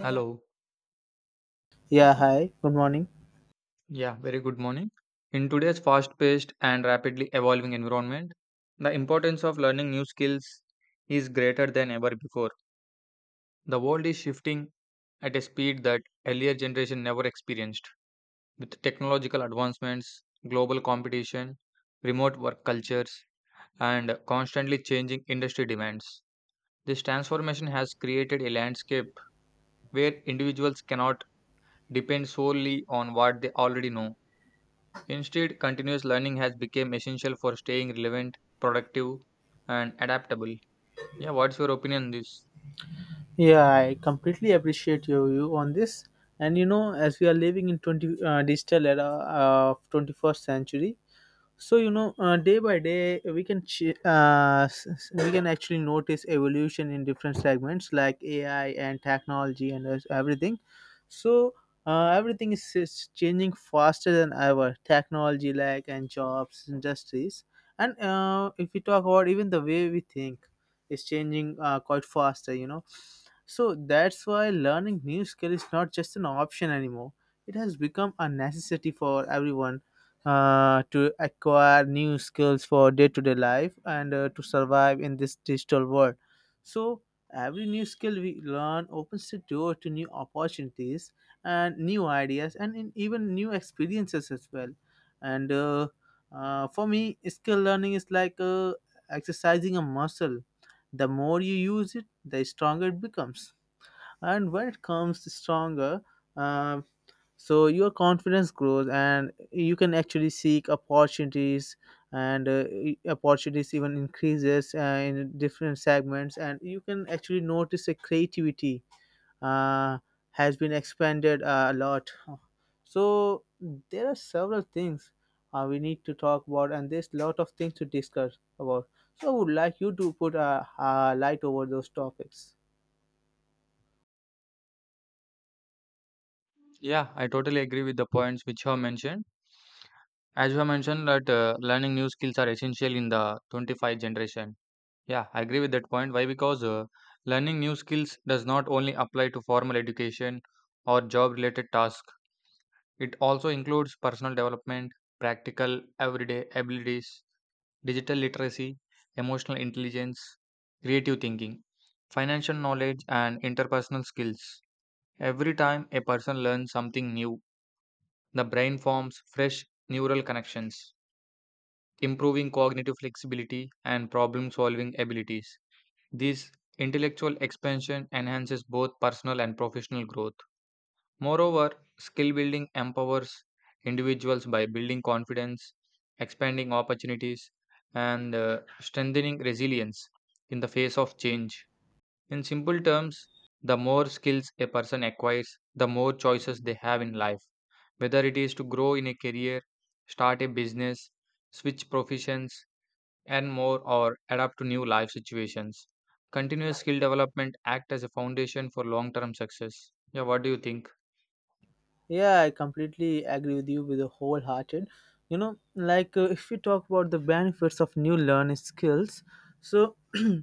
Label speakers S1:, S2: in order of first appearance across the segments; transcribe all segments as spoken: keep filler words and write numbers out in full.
S1: Hello.
S2: Yeah, hi. Good morning.
S1: Yeah, very good morning. In today's fast paced and rapidly evolving environment, the importance of learning new skills is greater than ever before. The world is shifting at a speed that earlier generation never experienced. With technological advancements, global competition, remote work cultures, and constantly changing industry demands. This transformation has created a landscape where individuals cannot depend solely on what they already know. Instead, continuous learning has become essential for staying relevant, productive, and adaptable. Yeah, what's your opinion on this?
S2: Yeah, I completely appreciate your view on this. And you know, as we are living in 20 uh, digital era uh, of twenty-first century, so you know uh, day by day we can ch- uh, s- s- we can actually notice evolution in different segments like AI and technology and us- everything. So uh, everything is, is changing faster than ever, technology like and jobs industries. And uh, if we talk about even the way we think is changing uh, quite faster you know So that's why learning new skill is not just an option anymore. It has become a necessity for everyone uh, to acquire new skills for day-to-day life and uh, to survive in this digital world. So every new skill we learn opens the door to new opportunities and new ideas and in even new experiences as well. And uh, uh, For me, skill learning is like uh, exercising a muscle. The more you use it, the stronger it becomes. And when it comes stronger, uh, so your confidence grows and you can actually seek opportunities. And uh, opportunities even increases uh, in different segments, and you can actually notice the creativity uh, has been expanded uh, a lot. So there are several things uh, we need to talk about, and there's a lot of things to discuss about. So I would like you to put a, a light over those topics.
S1: Yeah, I totally agree with the points which you have mentioned. As you have mentioned that uh, learning new skills are essential in the twenty-five generation. Yeah, I agree with that point. Why? Because uh, learning new skills does not only apply to formal education or job related tasks. It also includes personal development, practical everyday abilities, digital literacy, emotional intelligence, creative thinking, financial knowledge, and interpersonal skills. Every time a person learns something new, the brain forms fresh neural connections, improving cognitive flexibility and problem solving abilities. This intellectual expansion enhances both personal and professional growth. Moreover, skill building empowers individuals by building confidence, expanding opportunities, and uh, strengthening resilience in the face of change. In simple terms, the more skills a person acquires, the more choices they have in life, whether it is to grow in a career, start a business, switch professions, and more, or adapt to new life situations. Continuous skill development act as a foundation for long-term success. Yeah, what do you think?
S2: Yeah, I completely agree with you with a wholehearted. You know, like, uh, if we talk about the benefits of new learning skills, so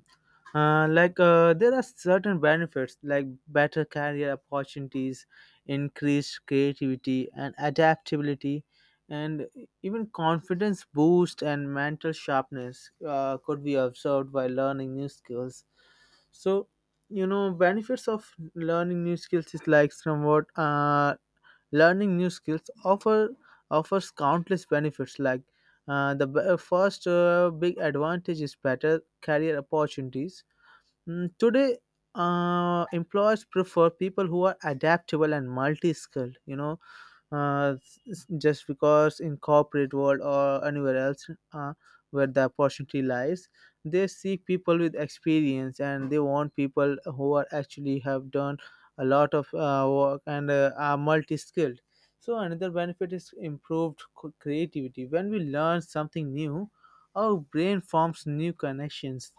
S2: uh, like uh, there are certain benefits like better career opportunities, increased creativity and adaptability, and even confidence boost and mental sharpness uh, could be observed by learning new skills. So you know benefits of learning new skills is like somewhat. uh, Learning new skills offer offers countless benefits. Like, uh, the b- first uh, big advantage is better career opportunities. Mm, today, uh, employers prefer people who are adaptable and multi-skilled. You know, uh, s- s- just because in corporate world or anywhere else uh, where the opportunity lies, they seek people with experience, and they want people who are actually have done a lot of uh, work and uh, are multi-skilled. So another benefit is improved co- creativity. When we learn something new, our brain forms new connections,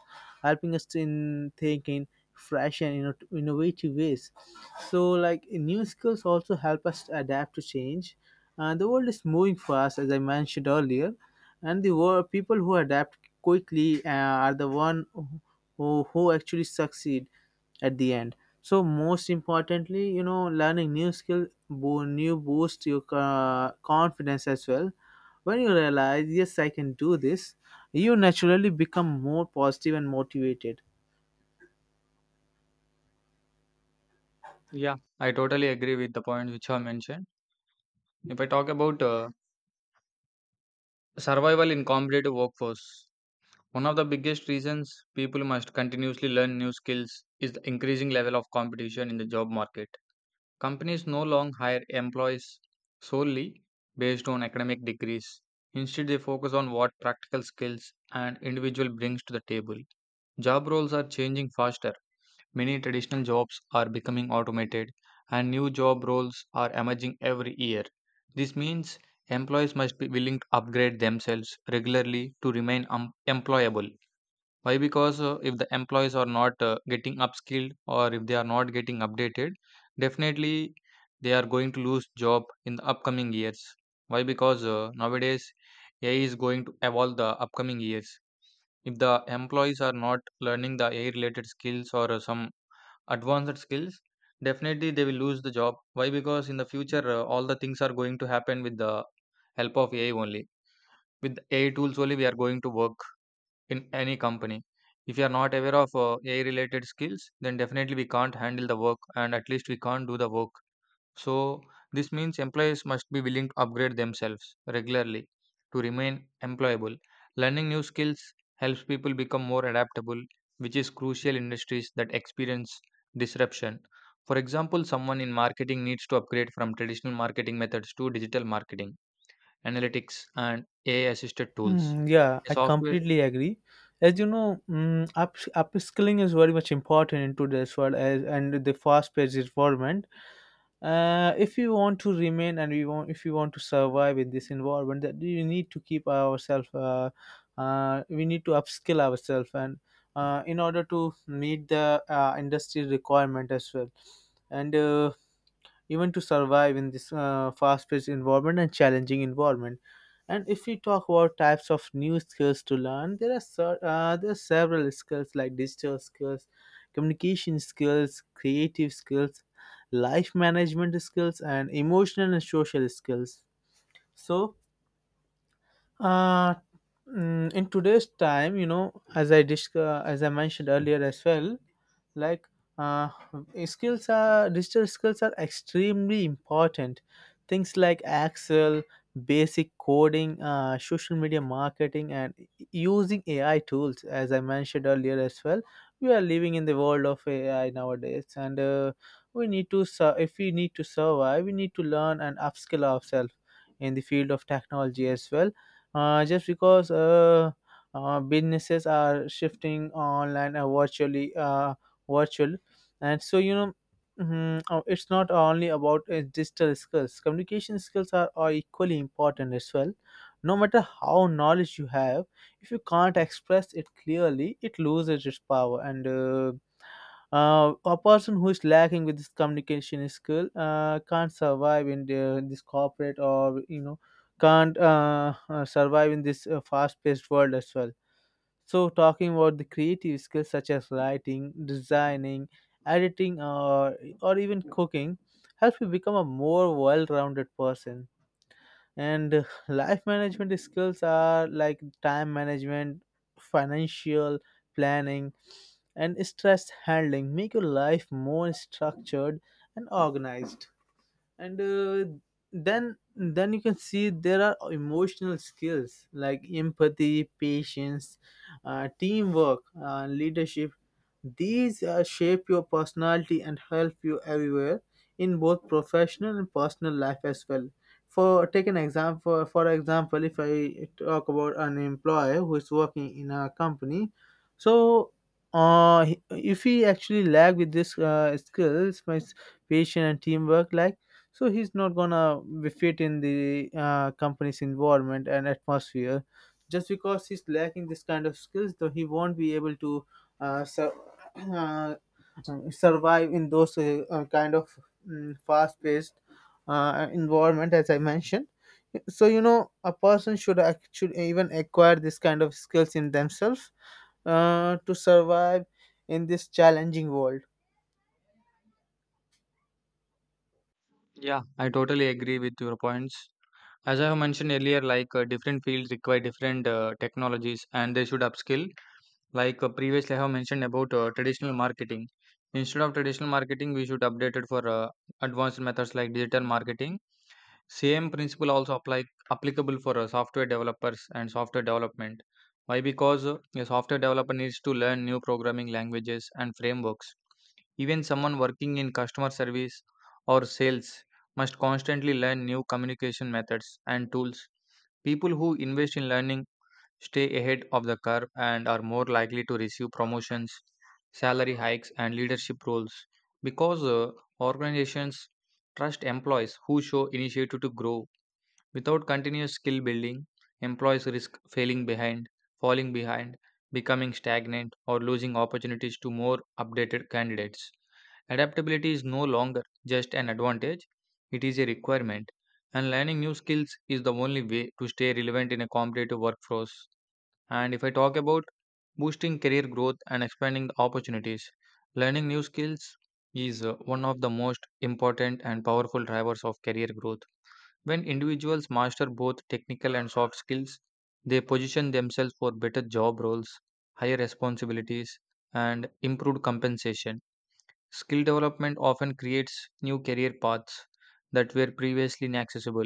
S2: helping us in thinking fresh and inno- innovative ways. So, like, new skills also help us to adapt to change. And the world is moving fast, as I mentioned earlier, and the wor- people who adapt quickly uh, are the one who, who actually succeed at the end. So most importantly, you know, learning new skill, bo- new boost your uh, confidence as well. When you realize, yes, I can do this, you naturally become more positive and motivated.
S1: Yeah, I totally agree with the points which are mentioned. If I talk about uh, survival in competitive workforce, one of the biggest reasons people must continuously learn new skills is the increasing level of competition in the job market. Companies no longer hire employees solely based on academic degrees. Instead, they focus on what practical skills an individual brings to the table. Job roles are changing fast. Many traditional jobs are becoming automated and new job roles are emerging every year. This means employees must be willing to upgrade themselves regularly to remain um, employable. Why? Because uh, if the employees are not uh, getting upskilled or if they are not getting updated, definitely they are going to lose job in the upcoming years. Why? Because uh, nowadays A I is going to evolve the upcoming years. If the employees are not learning the A I related skills or uh, some advanced skills, definitely they will lose the job. Why? Because in the future, uh, all the things are going to happen with the help of AI only. With AI tools only we are going to work in any company. If you are not aware of uh, AI related skills, then definitely we can't handle the work and at least we can't do the work. So, this means employees must be willing to upgrade themselves regularly to remain employable. Learning new skills helps people become more adaptable, which is crucial in industries that experience disruption. For example, someone in marketing needs to upgrade from traditional marketing methods to digital marketing, analytics, and A I assisted tools.
S2: Mm, yeah,
S1: A
S2: I
S1: software,
S2: completely agree. As you know, mm, up upskilling is very much important in today's world, as and the fast-paced environment. Uh, if you want to remain and we want if you want to survive in this environment, that you need to keep ourselves, uh, uh, we need to upskill ourselves and uh, in order to meet the uh, industry requirement as well, and uh, even to survive in this uh, fast-paced environment and challenging environment. And if we talk about types of new skills to learn, there are ser- uh, there are several skills like digital skills, communication skills, creative skills, life management skills, and emotional and social skills. So uh, mm, in today's time, you know, as i disc- uh, as I mentioned earlier as well, like, uh, skills are digital skills are extremely important. Things like Excel, basic coding, uh, social media marketing, and using AI tools, as I mentioned earlier as well, we are living in the world of AI nowadays. And uh, we need to sur- if we need to survive, we need to learn and upskill ourselves in the field of technology as well. Uh, just because uh, uh, businesses are shifting online, uh, virtually, uh, virtual. And so you know, mhm, uh, it's not only about uh, digital skills, communication skills are, are equally important as well. No matter how knowledge you have, if you can't express it clearly, it loses its power. And uh, uh, a person who is lacking with this communication skill uh, can't survive in the, this corporate, or you know, can't uh, uh, survive in this uh, fast-paced world as well. So, talking about the creative skills such as writing, designing, editing, or, or even cooking, help you become a more well rounded person. And uh, life management skills are like time management, financial planning, and stress handling, make your life more structured and organized. And uh, then then you can see there are emotional skills like empathy, patience, uh, teamwork, uh, leadership. These uh, shape your personality and help you everywhere in both professional and personal life as well. For take an example for example, if I talk about an employee who is working in a company, so uh, if he actually lack with this uh, skills, my patience and teamwork like. So he's not gonna be fit in the uh, company's environment and atmosphere, just because he's lacking this kind of skills, though he won't be able to uh, sur- uh, survive in those uh, uh, kind of mm, fast-paced uh, environment as I mentioned. So you know a person should ac- should even acquire this kind of skills in themselves uh, to survive in this challenging world.
S1: yeah, I totally agree with your points. As I have mentioned earlier, like uh, different fields require different uh, technologies and they should upskill. Like uh, previously I have mentioned about uh, traditional marketing. Instead of traditional marketing we should update it for uh, advanced methods like digital marketing. Same principle also apply applicable for uh, software developers and software development. Why? Because uh, a software developer needs to learn new programming languages and frameworks. Even someone working in customer service or sales must constantly learn new communication methods and tools. People who invest in learning stay ahead of the curve and are more likely to receive promotions, salary hikes, and leadership roles, because uh, organizations trust employees who show initiative to grow. Without continuous skill building, employees risk failing behind, falling behind, becoming stagnant, or losing opportunities to more updated candidates. Adaptability is no longer just an advantage, it is a requirement, and learning new skills is the only way to stay relevant in a competitive workforce. And if I talk about boosting career growth and expanding the opportunities, learning new skills is uh, one of the most important and powerful drivers of career growth. When individuals master both technical and soft skills, they position themselves for better job roles, higher responsibilities, and improved compensation. Skill development often creates new career paths that were previously inaccessible.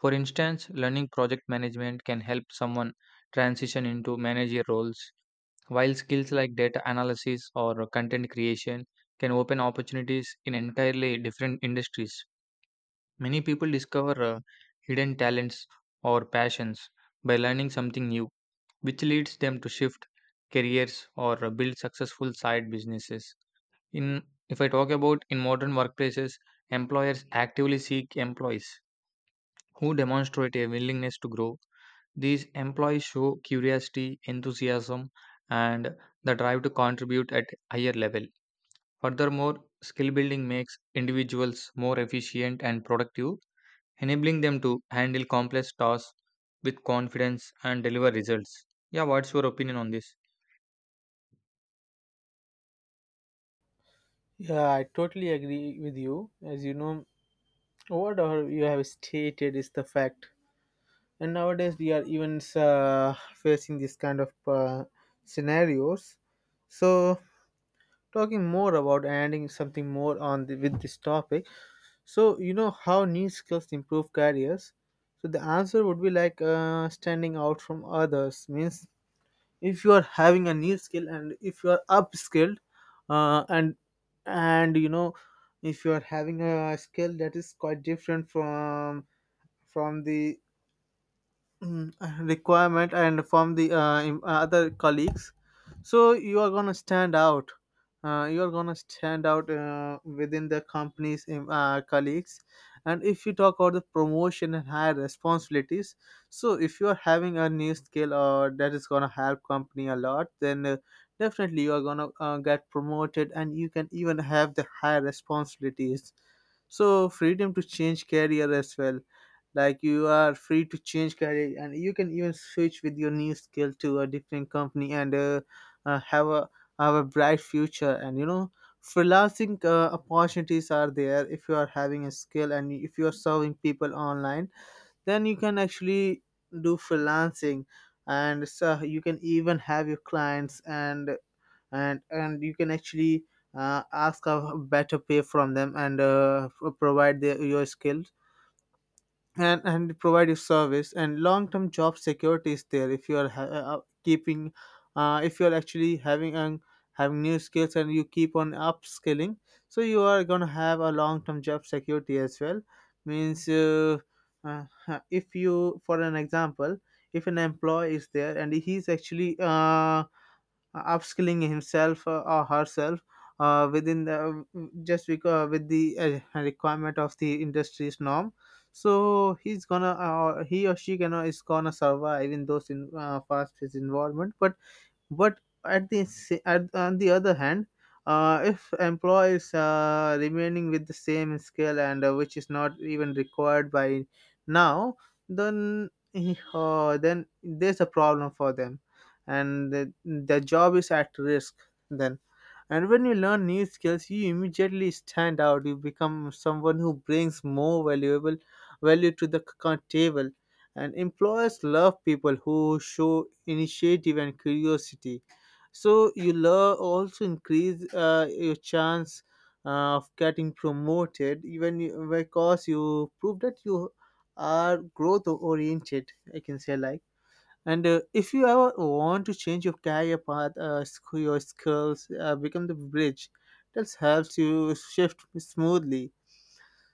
S1: For instance, learning project management can help someone transition into manager roles, while skills like data analysis or content creation can open opportunities in entirely different industries. Many people discover uh, hidden talents or passions by learning something new, which leads them to shift careers or uh, build successful side businesses. In if I talk about in modern workplaces, employers actively seek employees who demonstrate a willingness to grow. These employees show curiosity, enthusiasm, and the drive to contribute at higher level. Furthermore, skill building makes individuals more efficient and productive, enabling them to handle complex tasks with confidence and deliver results. Yeah, what's your opinion on this?
S2: Yeah, I totally agree with you. As you know, What are- you have stated is the fact, and nowadays we are even uh, facing this kind of uh, scenarios. So, talking more about and adding something more on the, with this topic. So, you know how new skills improve careers. So the answer would be like, uh, standing out from others means if you are having a new skill and if you are upskilled, uh, and and you know, if you are having a skill that is quite different from from the mm, requirement and from the uh, im- uh, other colleagues, so you are going to stand out. Uh, you are going to stand out uh, within the company's um, uh, colleagues. And if you talk about the promotion and higher responsibilities, so if you are having a new skill or that is going to help company a lot, then uh, definitely you are going to uh, get promoted, and you can even have the higher responsibilities. So freedom to change career as well. Like, you are free to change career, and you can even switch with your new skill to a different company, and uh, uh, have a have a bright future. And you know, freelancing uh, opportunities are there if you are having a skill, and if you are serving people online, then you can actually do freelancing. And so you can even have your clients, and and and you can actually uh, ask a better pay from them, and uh, provide their, your skill, and and provide you service. And long term job security is there if you are ha- uh, keeping, uh, if you are actually having um, having new skills and you keep on upskilling, so you are going to have a long term job security as well. Means, uh, uh, if you, for an example, if an employee is there and he's actually uh, uh, upskilling himself uh, or herself uh, within the, just because with the uh, requirement of the industry's norm, so he's gonna uh, he or she gonna is gonna survive in those in uh, fast paced environment. But but at the sa- at, on the other hand, uh, if employees uh, remaining with the same skill, and uh, which is not even required by now, then uh, then there's a problem for them, and the, the job is at risk then. And when you learn new skills, you immediately stand out. You become someone who brings more valuable value to the c- table. And employers love people who show initiative and curiosity. So you love also increase uh, your chance uh, of getting promoted, even you- because you prove that you are growth oriented. I can say like. And uh, if you ever want to change your career path, uh, sc- your skills uh, become the bridge that helps you shift smoothly.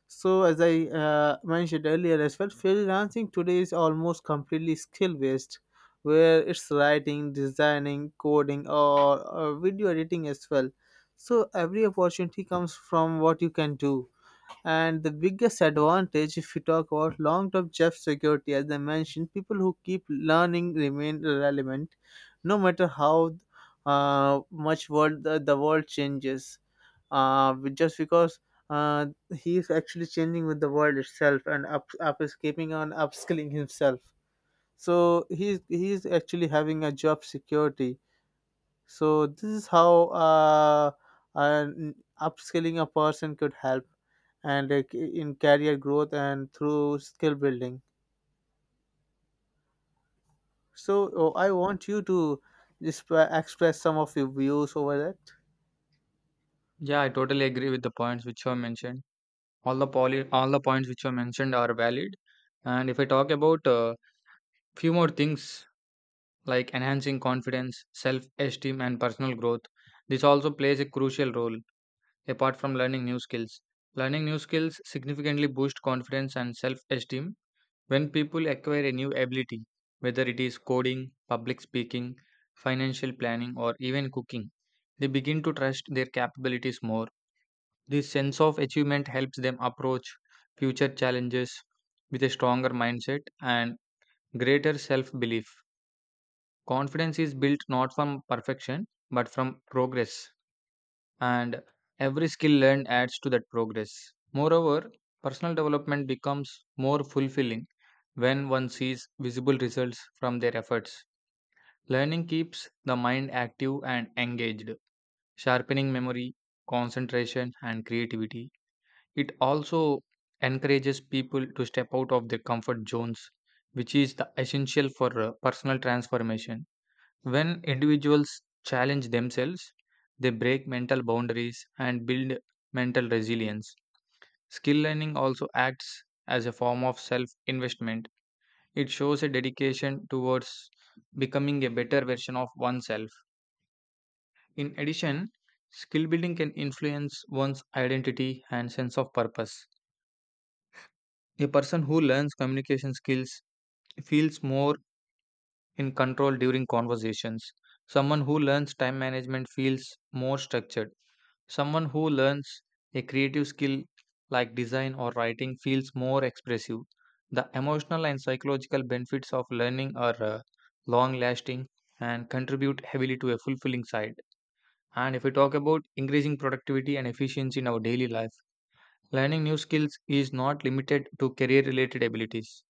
S2: So, as I uh, mentioned earlier as well, freelancing today is almost completely skill based, where it's writing, designing, coding, or, or video editing as well. So, every opportunity comes from what you can do. And the biggest advantage, if you talk about long term job security, as I mentioned, people who keep learning remain relevant no matter how uh, much world the, the world changes. Uh, but just because uh, he is actually changing with the world itself and up, up is keeping on upskilling himself. So he's he's actually having a job security. So this is how uh, an upskilling a person could help, and uh, in career growth and through skill building. So oh, I want you to disp- express some of your views over that.
S1: Yeah, I totally agree with the points which you have mentioned. All the poly, all the points which you have mentioned are valid. And if I talk about uh, few more things like enhancing confidence, self esteem, and personal growth. This also plays a crucial role apart from learning new skills. Learning new skills significantly boosts confidence and self esteem when people acquire a new ability, whether it is coding, public speaking, financial planning, or even cooking. They begin to trust their capabilities more. This sense of achievement helps them approach future challenges with a stronger mindset and greater self belief. Confidence is built not from perfection, but from progress, and every skill learned adds to that progress. Moreover, personal development becomes more fulfilling when one sees visible results from their efforts. Learning keeps the mind active and engaged, sharpening memory, concentration, and creativity. It also encourages people to step out of their comfort zones, which is the essential for uh, personal transformation. When individuals challenge themselves, they break mental boundaries and build mental resilience. Skill learning also acts as a form of self investment. It shows a dedication towards becoming a better version of oneself. In addition, skill building can influence one's identity and sense of purpose. A person who learns communication skills feels more in control during conversations. Someone who learns time management feels more structured. Someone who learns a creative skill like design or writing feels more expressive. The emotional and psychological benefits of learning are uh, long lasting and contribute heavily to a fulfilling side. And if we talk about increasing productivity and efficiency in our daily life, learning new skills is not limited to career related abilities.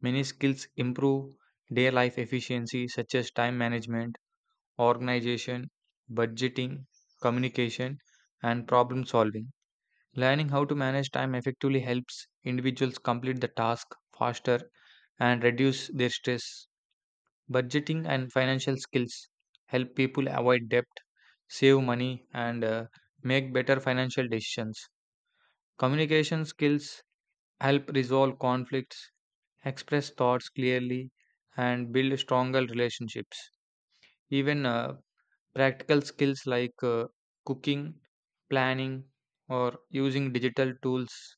S1: Many skills improve day life efficiency, such as time management, organization, budgeting, communication, and problem solving. Learning how to manage time effectively helps individuals complete the task faster and reduce their stress. Budgeting and financial skills help people avoid debt, save money, and uh, make better financial decisions. Communication skills help resolve conflicts, express thoughts clearly, and build stronger relationships. Even uh, practical skills like uh, cooking, planning, or using digital tools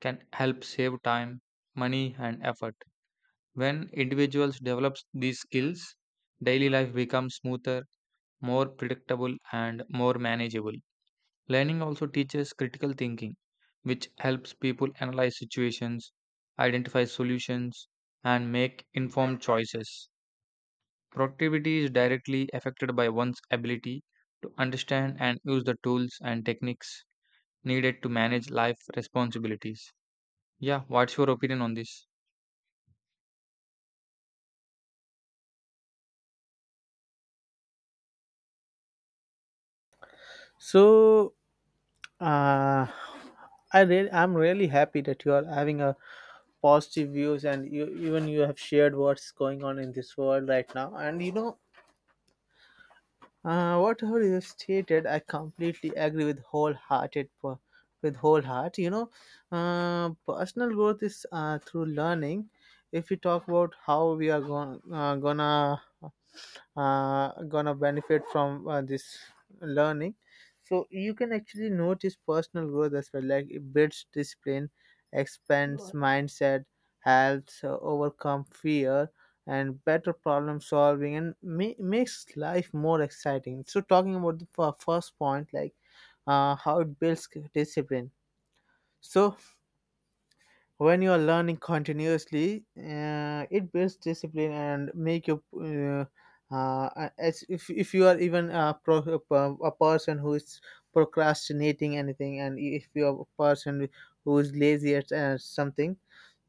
S1: can help save time, money, and effort. When individuals develop these skills, daily life becomes smoother, more predictable, and more manageable. Learning also teaches critical thinking, which helps people analyze situations, identify solutions, and make informed choices. Productivity is directly affected by one's ability to understand and use the tools and techniques needed to manage life responsibilities. Yeah, what's your opinion on this?
S2: So uh, I really, I'm really happy that you are having a positive views, and you even you have shared what's going on in this world right now. And you know, Uh, whatever you stated, I completely agree with wholehearted per- with whole heart. You know, uh, personal growth is uh, through learning. If we talk about how we are going uh, gonna uh, gonna benefit from uh, this learning, so you can actually notice personal growth as well. Like, it builds discipline, expands mindset, helps uh, overcome fear, and better problem solving, and ma- makes life more exciting. So talking about the fir- first point, like uh, how it builds discipline: so when you are learning continuously, uh, it builds discipline and make you uh, uh, as if, if you are even a, pro, a person who is procrastinating anything, and if you are a person who is lazy at uh, something,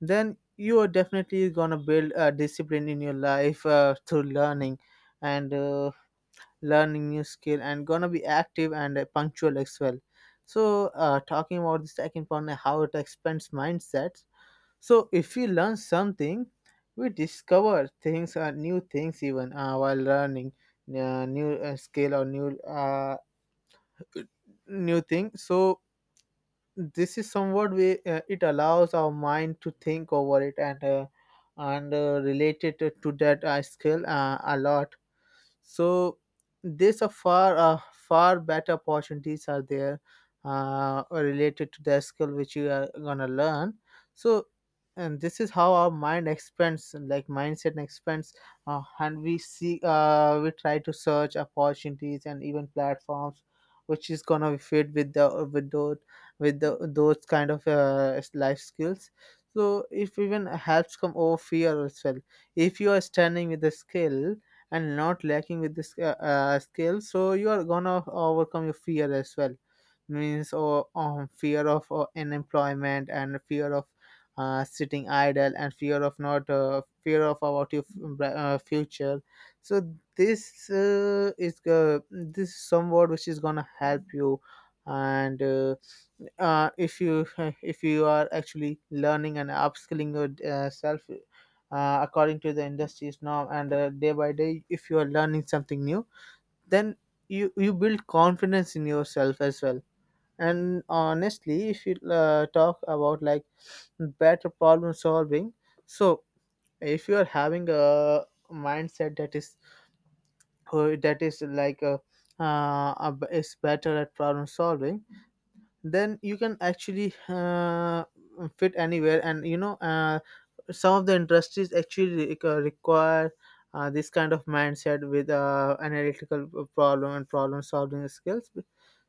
S2: then you are definitely gonna build a discipline in your life uh, through learning and uh, learning new skill, and gonna be active and uh, punctual as well. So uh, talking about the second point, uh, how it expands mindsets: so if we learn something, we discover things, uh, new things, even uh, while learning uh, new uh, skill or new uh, new thing. So this is somewhat way uh, it allows our mind to think over it, and uh, and uh, relate to that uh, skill uh, a lot. So there's a far uh, far better opportunities are there uh, related to the skill which you are gonna learn. So and this is how our mind expands, like mindset expands, uh, and we see, uh, we try to search opportunities and even platforms which is gonna fit with the with those with the those kind of uh, life skills. So if even helps come over fear as well. If you are standing with the skill and not lacking with this uh, uh, skill, so you are gonna overcome your fear as well. Means, or um, fear of uh, unemployment, and fear of uh, sitting idle, and fear of not uh, fear of about your f- uh, future. So this uh, is uh, this is some word which is gonna help you. And uh, uh, if you if you are actually learning and upskilling yourself uh, according to the industry's norm, and uh, day by day, if you are learning something new, then you you build confidence in yourself as well. And honestly, if you uh, talk about, like, better problem solving: so if you are having a mindset that is who- that is like a uh, a b- is better at problem solving, then you can actually uh, fit anywhere. And you know, uh, some of the industries actually re- uh, require uh, this kind of mindset with uh, analytical problem and problem solving skills.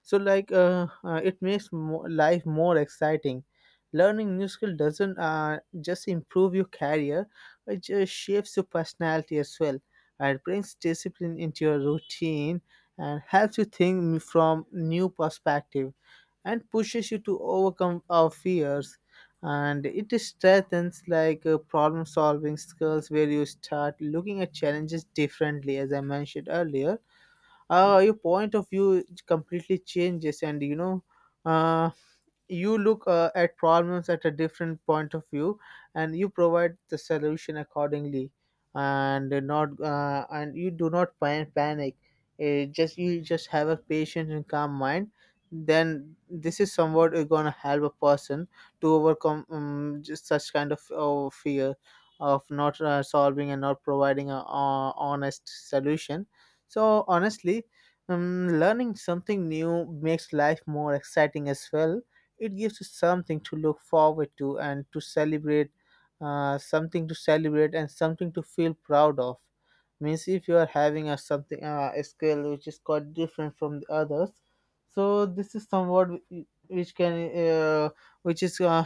S2: So, like, uh, uh, it makes mo- life more exciting. Learning new skill doesn't uh, just improve your career, it just shapes your personality as well. It brings discipline into your routine, and helps you think from new perspective, and pushes you to overcome our fears, and it strengthens, like, uh, problem solving skills, where you start looking at challenges differently. As I mentioned earlier, uh, your point of view completely changes. And you know, uh, you look uh, at problems at a different point of view, and you provide the solution accordingly, and not uh, and you do not pan- panic. Uh, just you just have a patient and calm mind, then this is somewhat going to help a person to overcome um, just such kind of uh, fear of not uh, solving and not providing a uh, honest solution. So, honestly, um, learning something new makes life more exciting as well. It gives us something to look forward to and to celebrate, uh, something to celebrate and something to feel proud of. Means, if you are having a something uh, a skill which is quite different from the others, so this is somewhat whi- which can, uh, which is uh,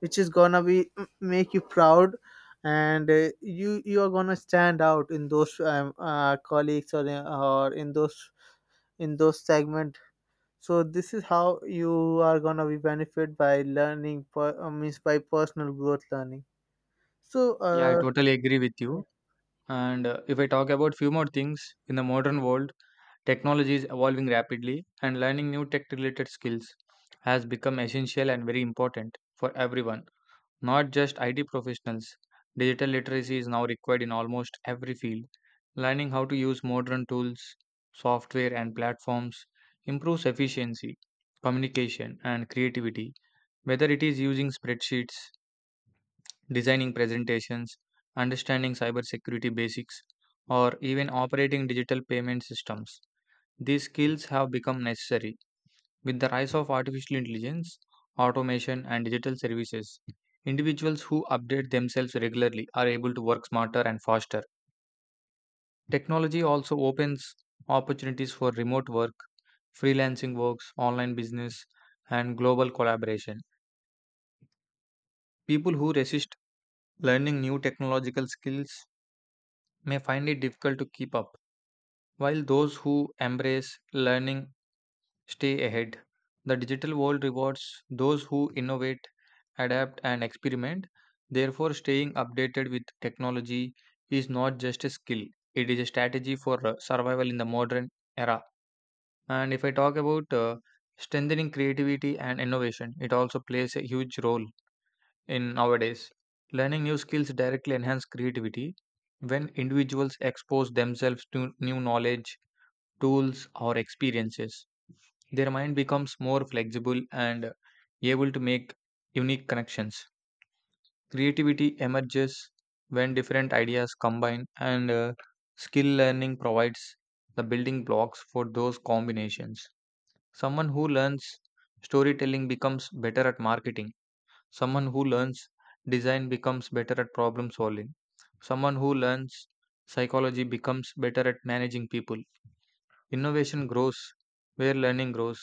S2: which is gonna be make you proud. And uh, you you are gonna stand out in those, um, uh, colleagues, or in, or in those, in those segment. So this is how you are gonna be benefit by learning, per, uh, means by personal growth learning. So,
S1: Yeah, I
S2: uh,
S1: totally agree with you. And uh, if I talk about few more things in the modern world, technology is evolving rapidly and learning new tech related skills has become essential and very important for everyone, not just I T professionals. Digital literacy is now required in almost every field. Learning how to use modern tools, software and platforms improves efficiency, communication and creativity, whether it is using spreadsheets, designing presentations, understanding cybersecurity basics, or even operating digital payment systems. These skills have become necessary. With the rise of artificial intelligence, automation, and digital services, individuals who update themselves regularly are able to work smarter and faster. Technology also opens opportunities for remote work, freelancing works, online business, and global collaboration. People who resist learning new technological skills may find it difficult to keep up, while those who embrace learning stay ahead. The digital world rewards those who innovate, adapt, and experiment. Therefore, staying updated with technology is not just a skill, it is a strategy for uh, survival in the modern era. And if I talk about uh, strengthening creativity and innovation, it also plays a huge role in nowadays. Learning new skills directly enhance creativity when individuals expose themselves to new knowledge, tools, or experiences. Their mind becomes more flexible and able to make unique connections. Creativity emerges when different ideas combine, and uh, skill learning provides the building blocks for those combinations. Someone who learns storytelling becomes better at marketing. Someone who learns design becomes better at problem solving. Someone who learns psychology becomes better at managing people. Innovation grows where learning grows.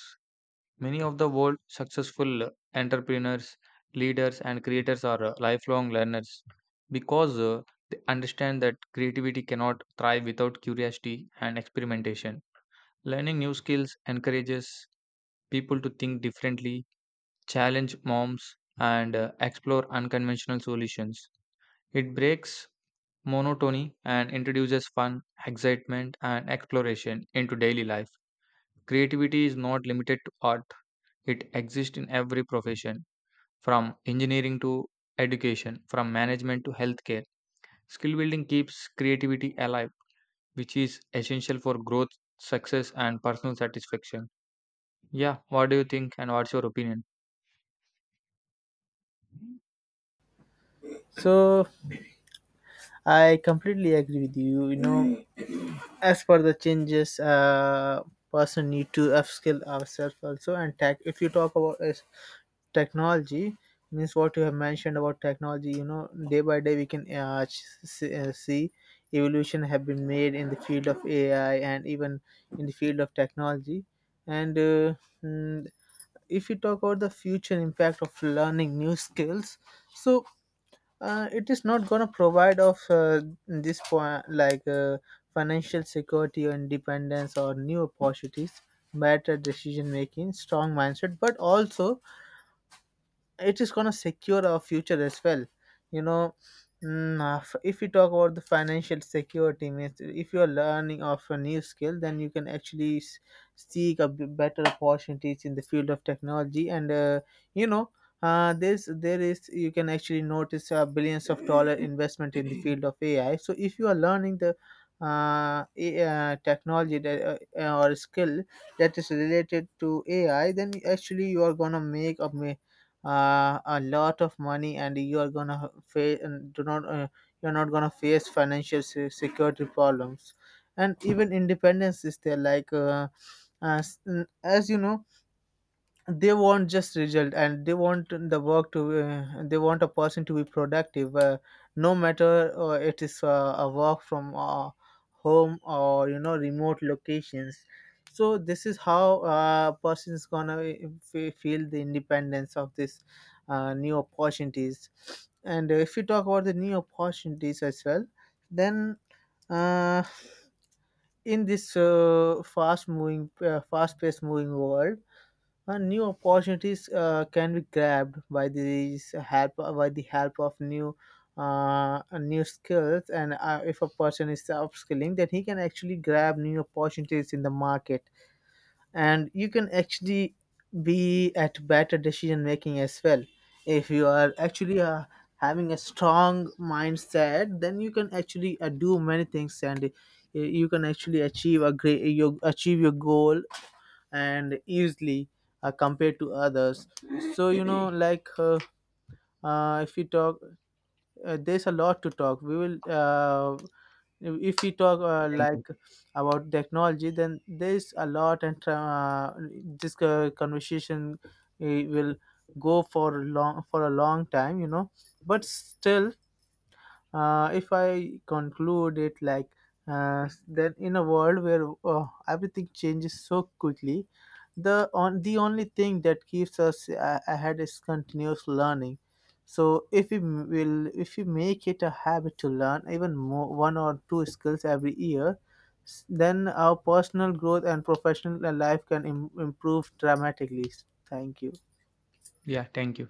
S1: Many of the world's successful entrepreneurs, leaders, and creators are uh, lifelong learners because uh, they understand that creativity cannot thrive without curiosity and experimentation. Learning new skills encourages people to think differently, challenge norms, and uh, explore unconventional solutions. It breaks monotony and introduces fun, excitement, and exploration into daily life. Creativity is not limited to art, it exists in every profession, from engineering to education, from management to healthcare. Skill building keeps creativity alive, which is essential for growth, success, and personal satisfaction. Yeah, what do you think, and what's your opinion?
S2: so I completely agree with you. You know, as for the changes, uh, person need to upskill ourselves also, and tech. If you talk about as technology, means what you have mentioned about technology, you know, day by day, we can uh, ch- see, uh, see evolution have been made in the field of AI, and even in the field of technology. and uh, mm, if you talk about the future impact of learning new skills, so uh, it is not going to provide of uh, this point, like uh, financial security, or independence, or new opportunities, better decision making, strong mindset, but also it is going to secure our future as well. You know, mm, uh, f- if we talk about the financial security, means if you are learning of a new skill, then you can actually s- seek a b- better opportunities in the field of technology. And uh, you know, uh, this there is you can actually notice a billions of dollar investment in the field of AI. So if you are learning the uh, A- uh, technology that, uh, or skill that is related to AI, then actually you are going to make a ma- uh, a lot of money, and you are gonna face, do not uh, you're not gonna face financial se- security problems. And even independence is there, like, uh, as, as you know, they want just result, and they want the work to uh, they want a person to be productive, uh, no matter uh, it is uh, a work from uh, home, or you know, remote locations. So this is how uh, a person is gonna uh, fe- feel the independence of this, uh, new opportunities. And if you talk about the new opportunities as well, then, uh, in this uh, fast moving uh, fast paced moving world, uh, new opportunities uh, can be grabbed by these help, uh, by the help of new, uh, new skills. And uh, if a person is upskilling, then he can actually grab new opportunities in the market. And you can actually be at better decision making as well. If you are actually uh, having a strong mindset, then you can actually uh, do many things, and uh, you can actually achieve a great you achieve your goal and easily uh, compared to others. So you know, like uh, uh, if we talk, uh, there's a lot to talk, we will uh, if we talk, uh,
S1: Thank you.
S2: like about technology, then there's a lot. And uh, this uh, conversation uh, will go for long for a long time, you know. But still, uh, if I conclude it, like, uh, then in a world where uh, everything changes so quickly, the on the only thing that keeps us uh, ahead is continuous learning. So if we m- will if we make it a habit to learn even more one or two skills every year, s- then our personal growth and professional uh, life can Im- improve dramatically. Thank you.
S1: Yeah, thank you.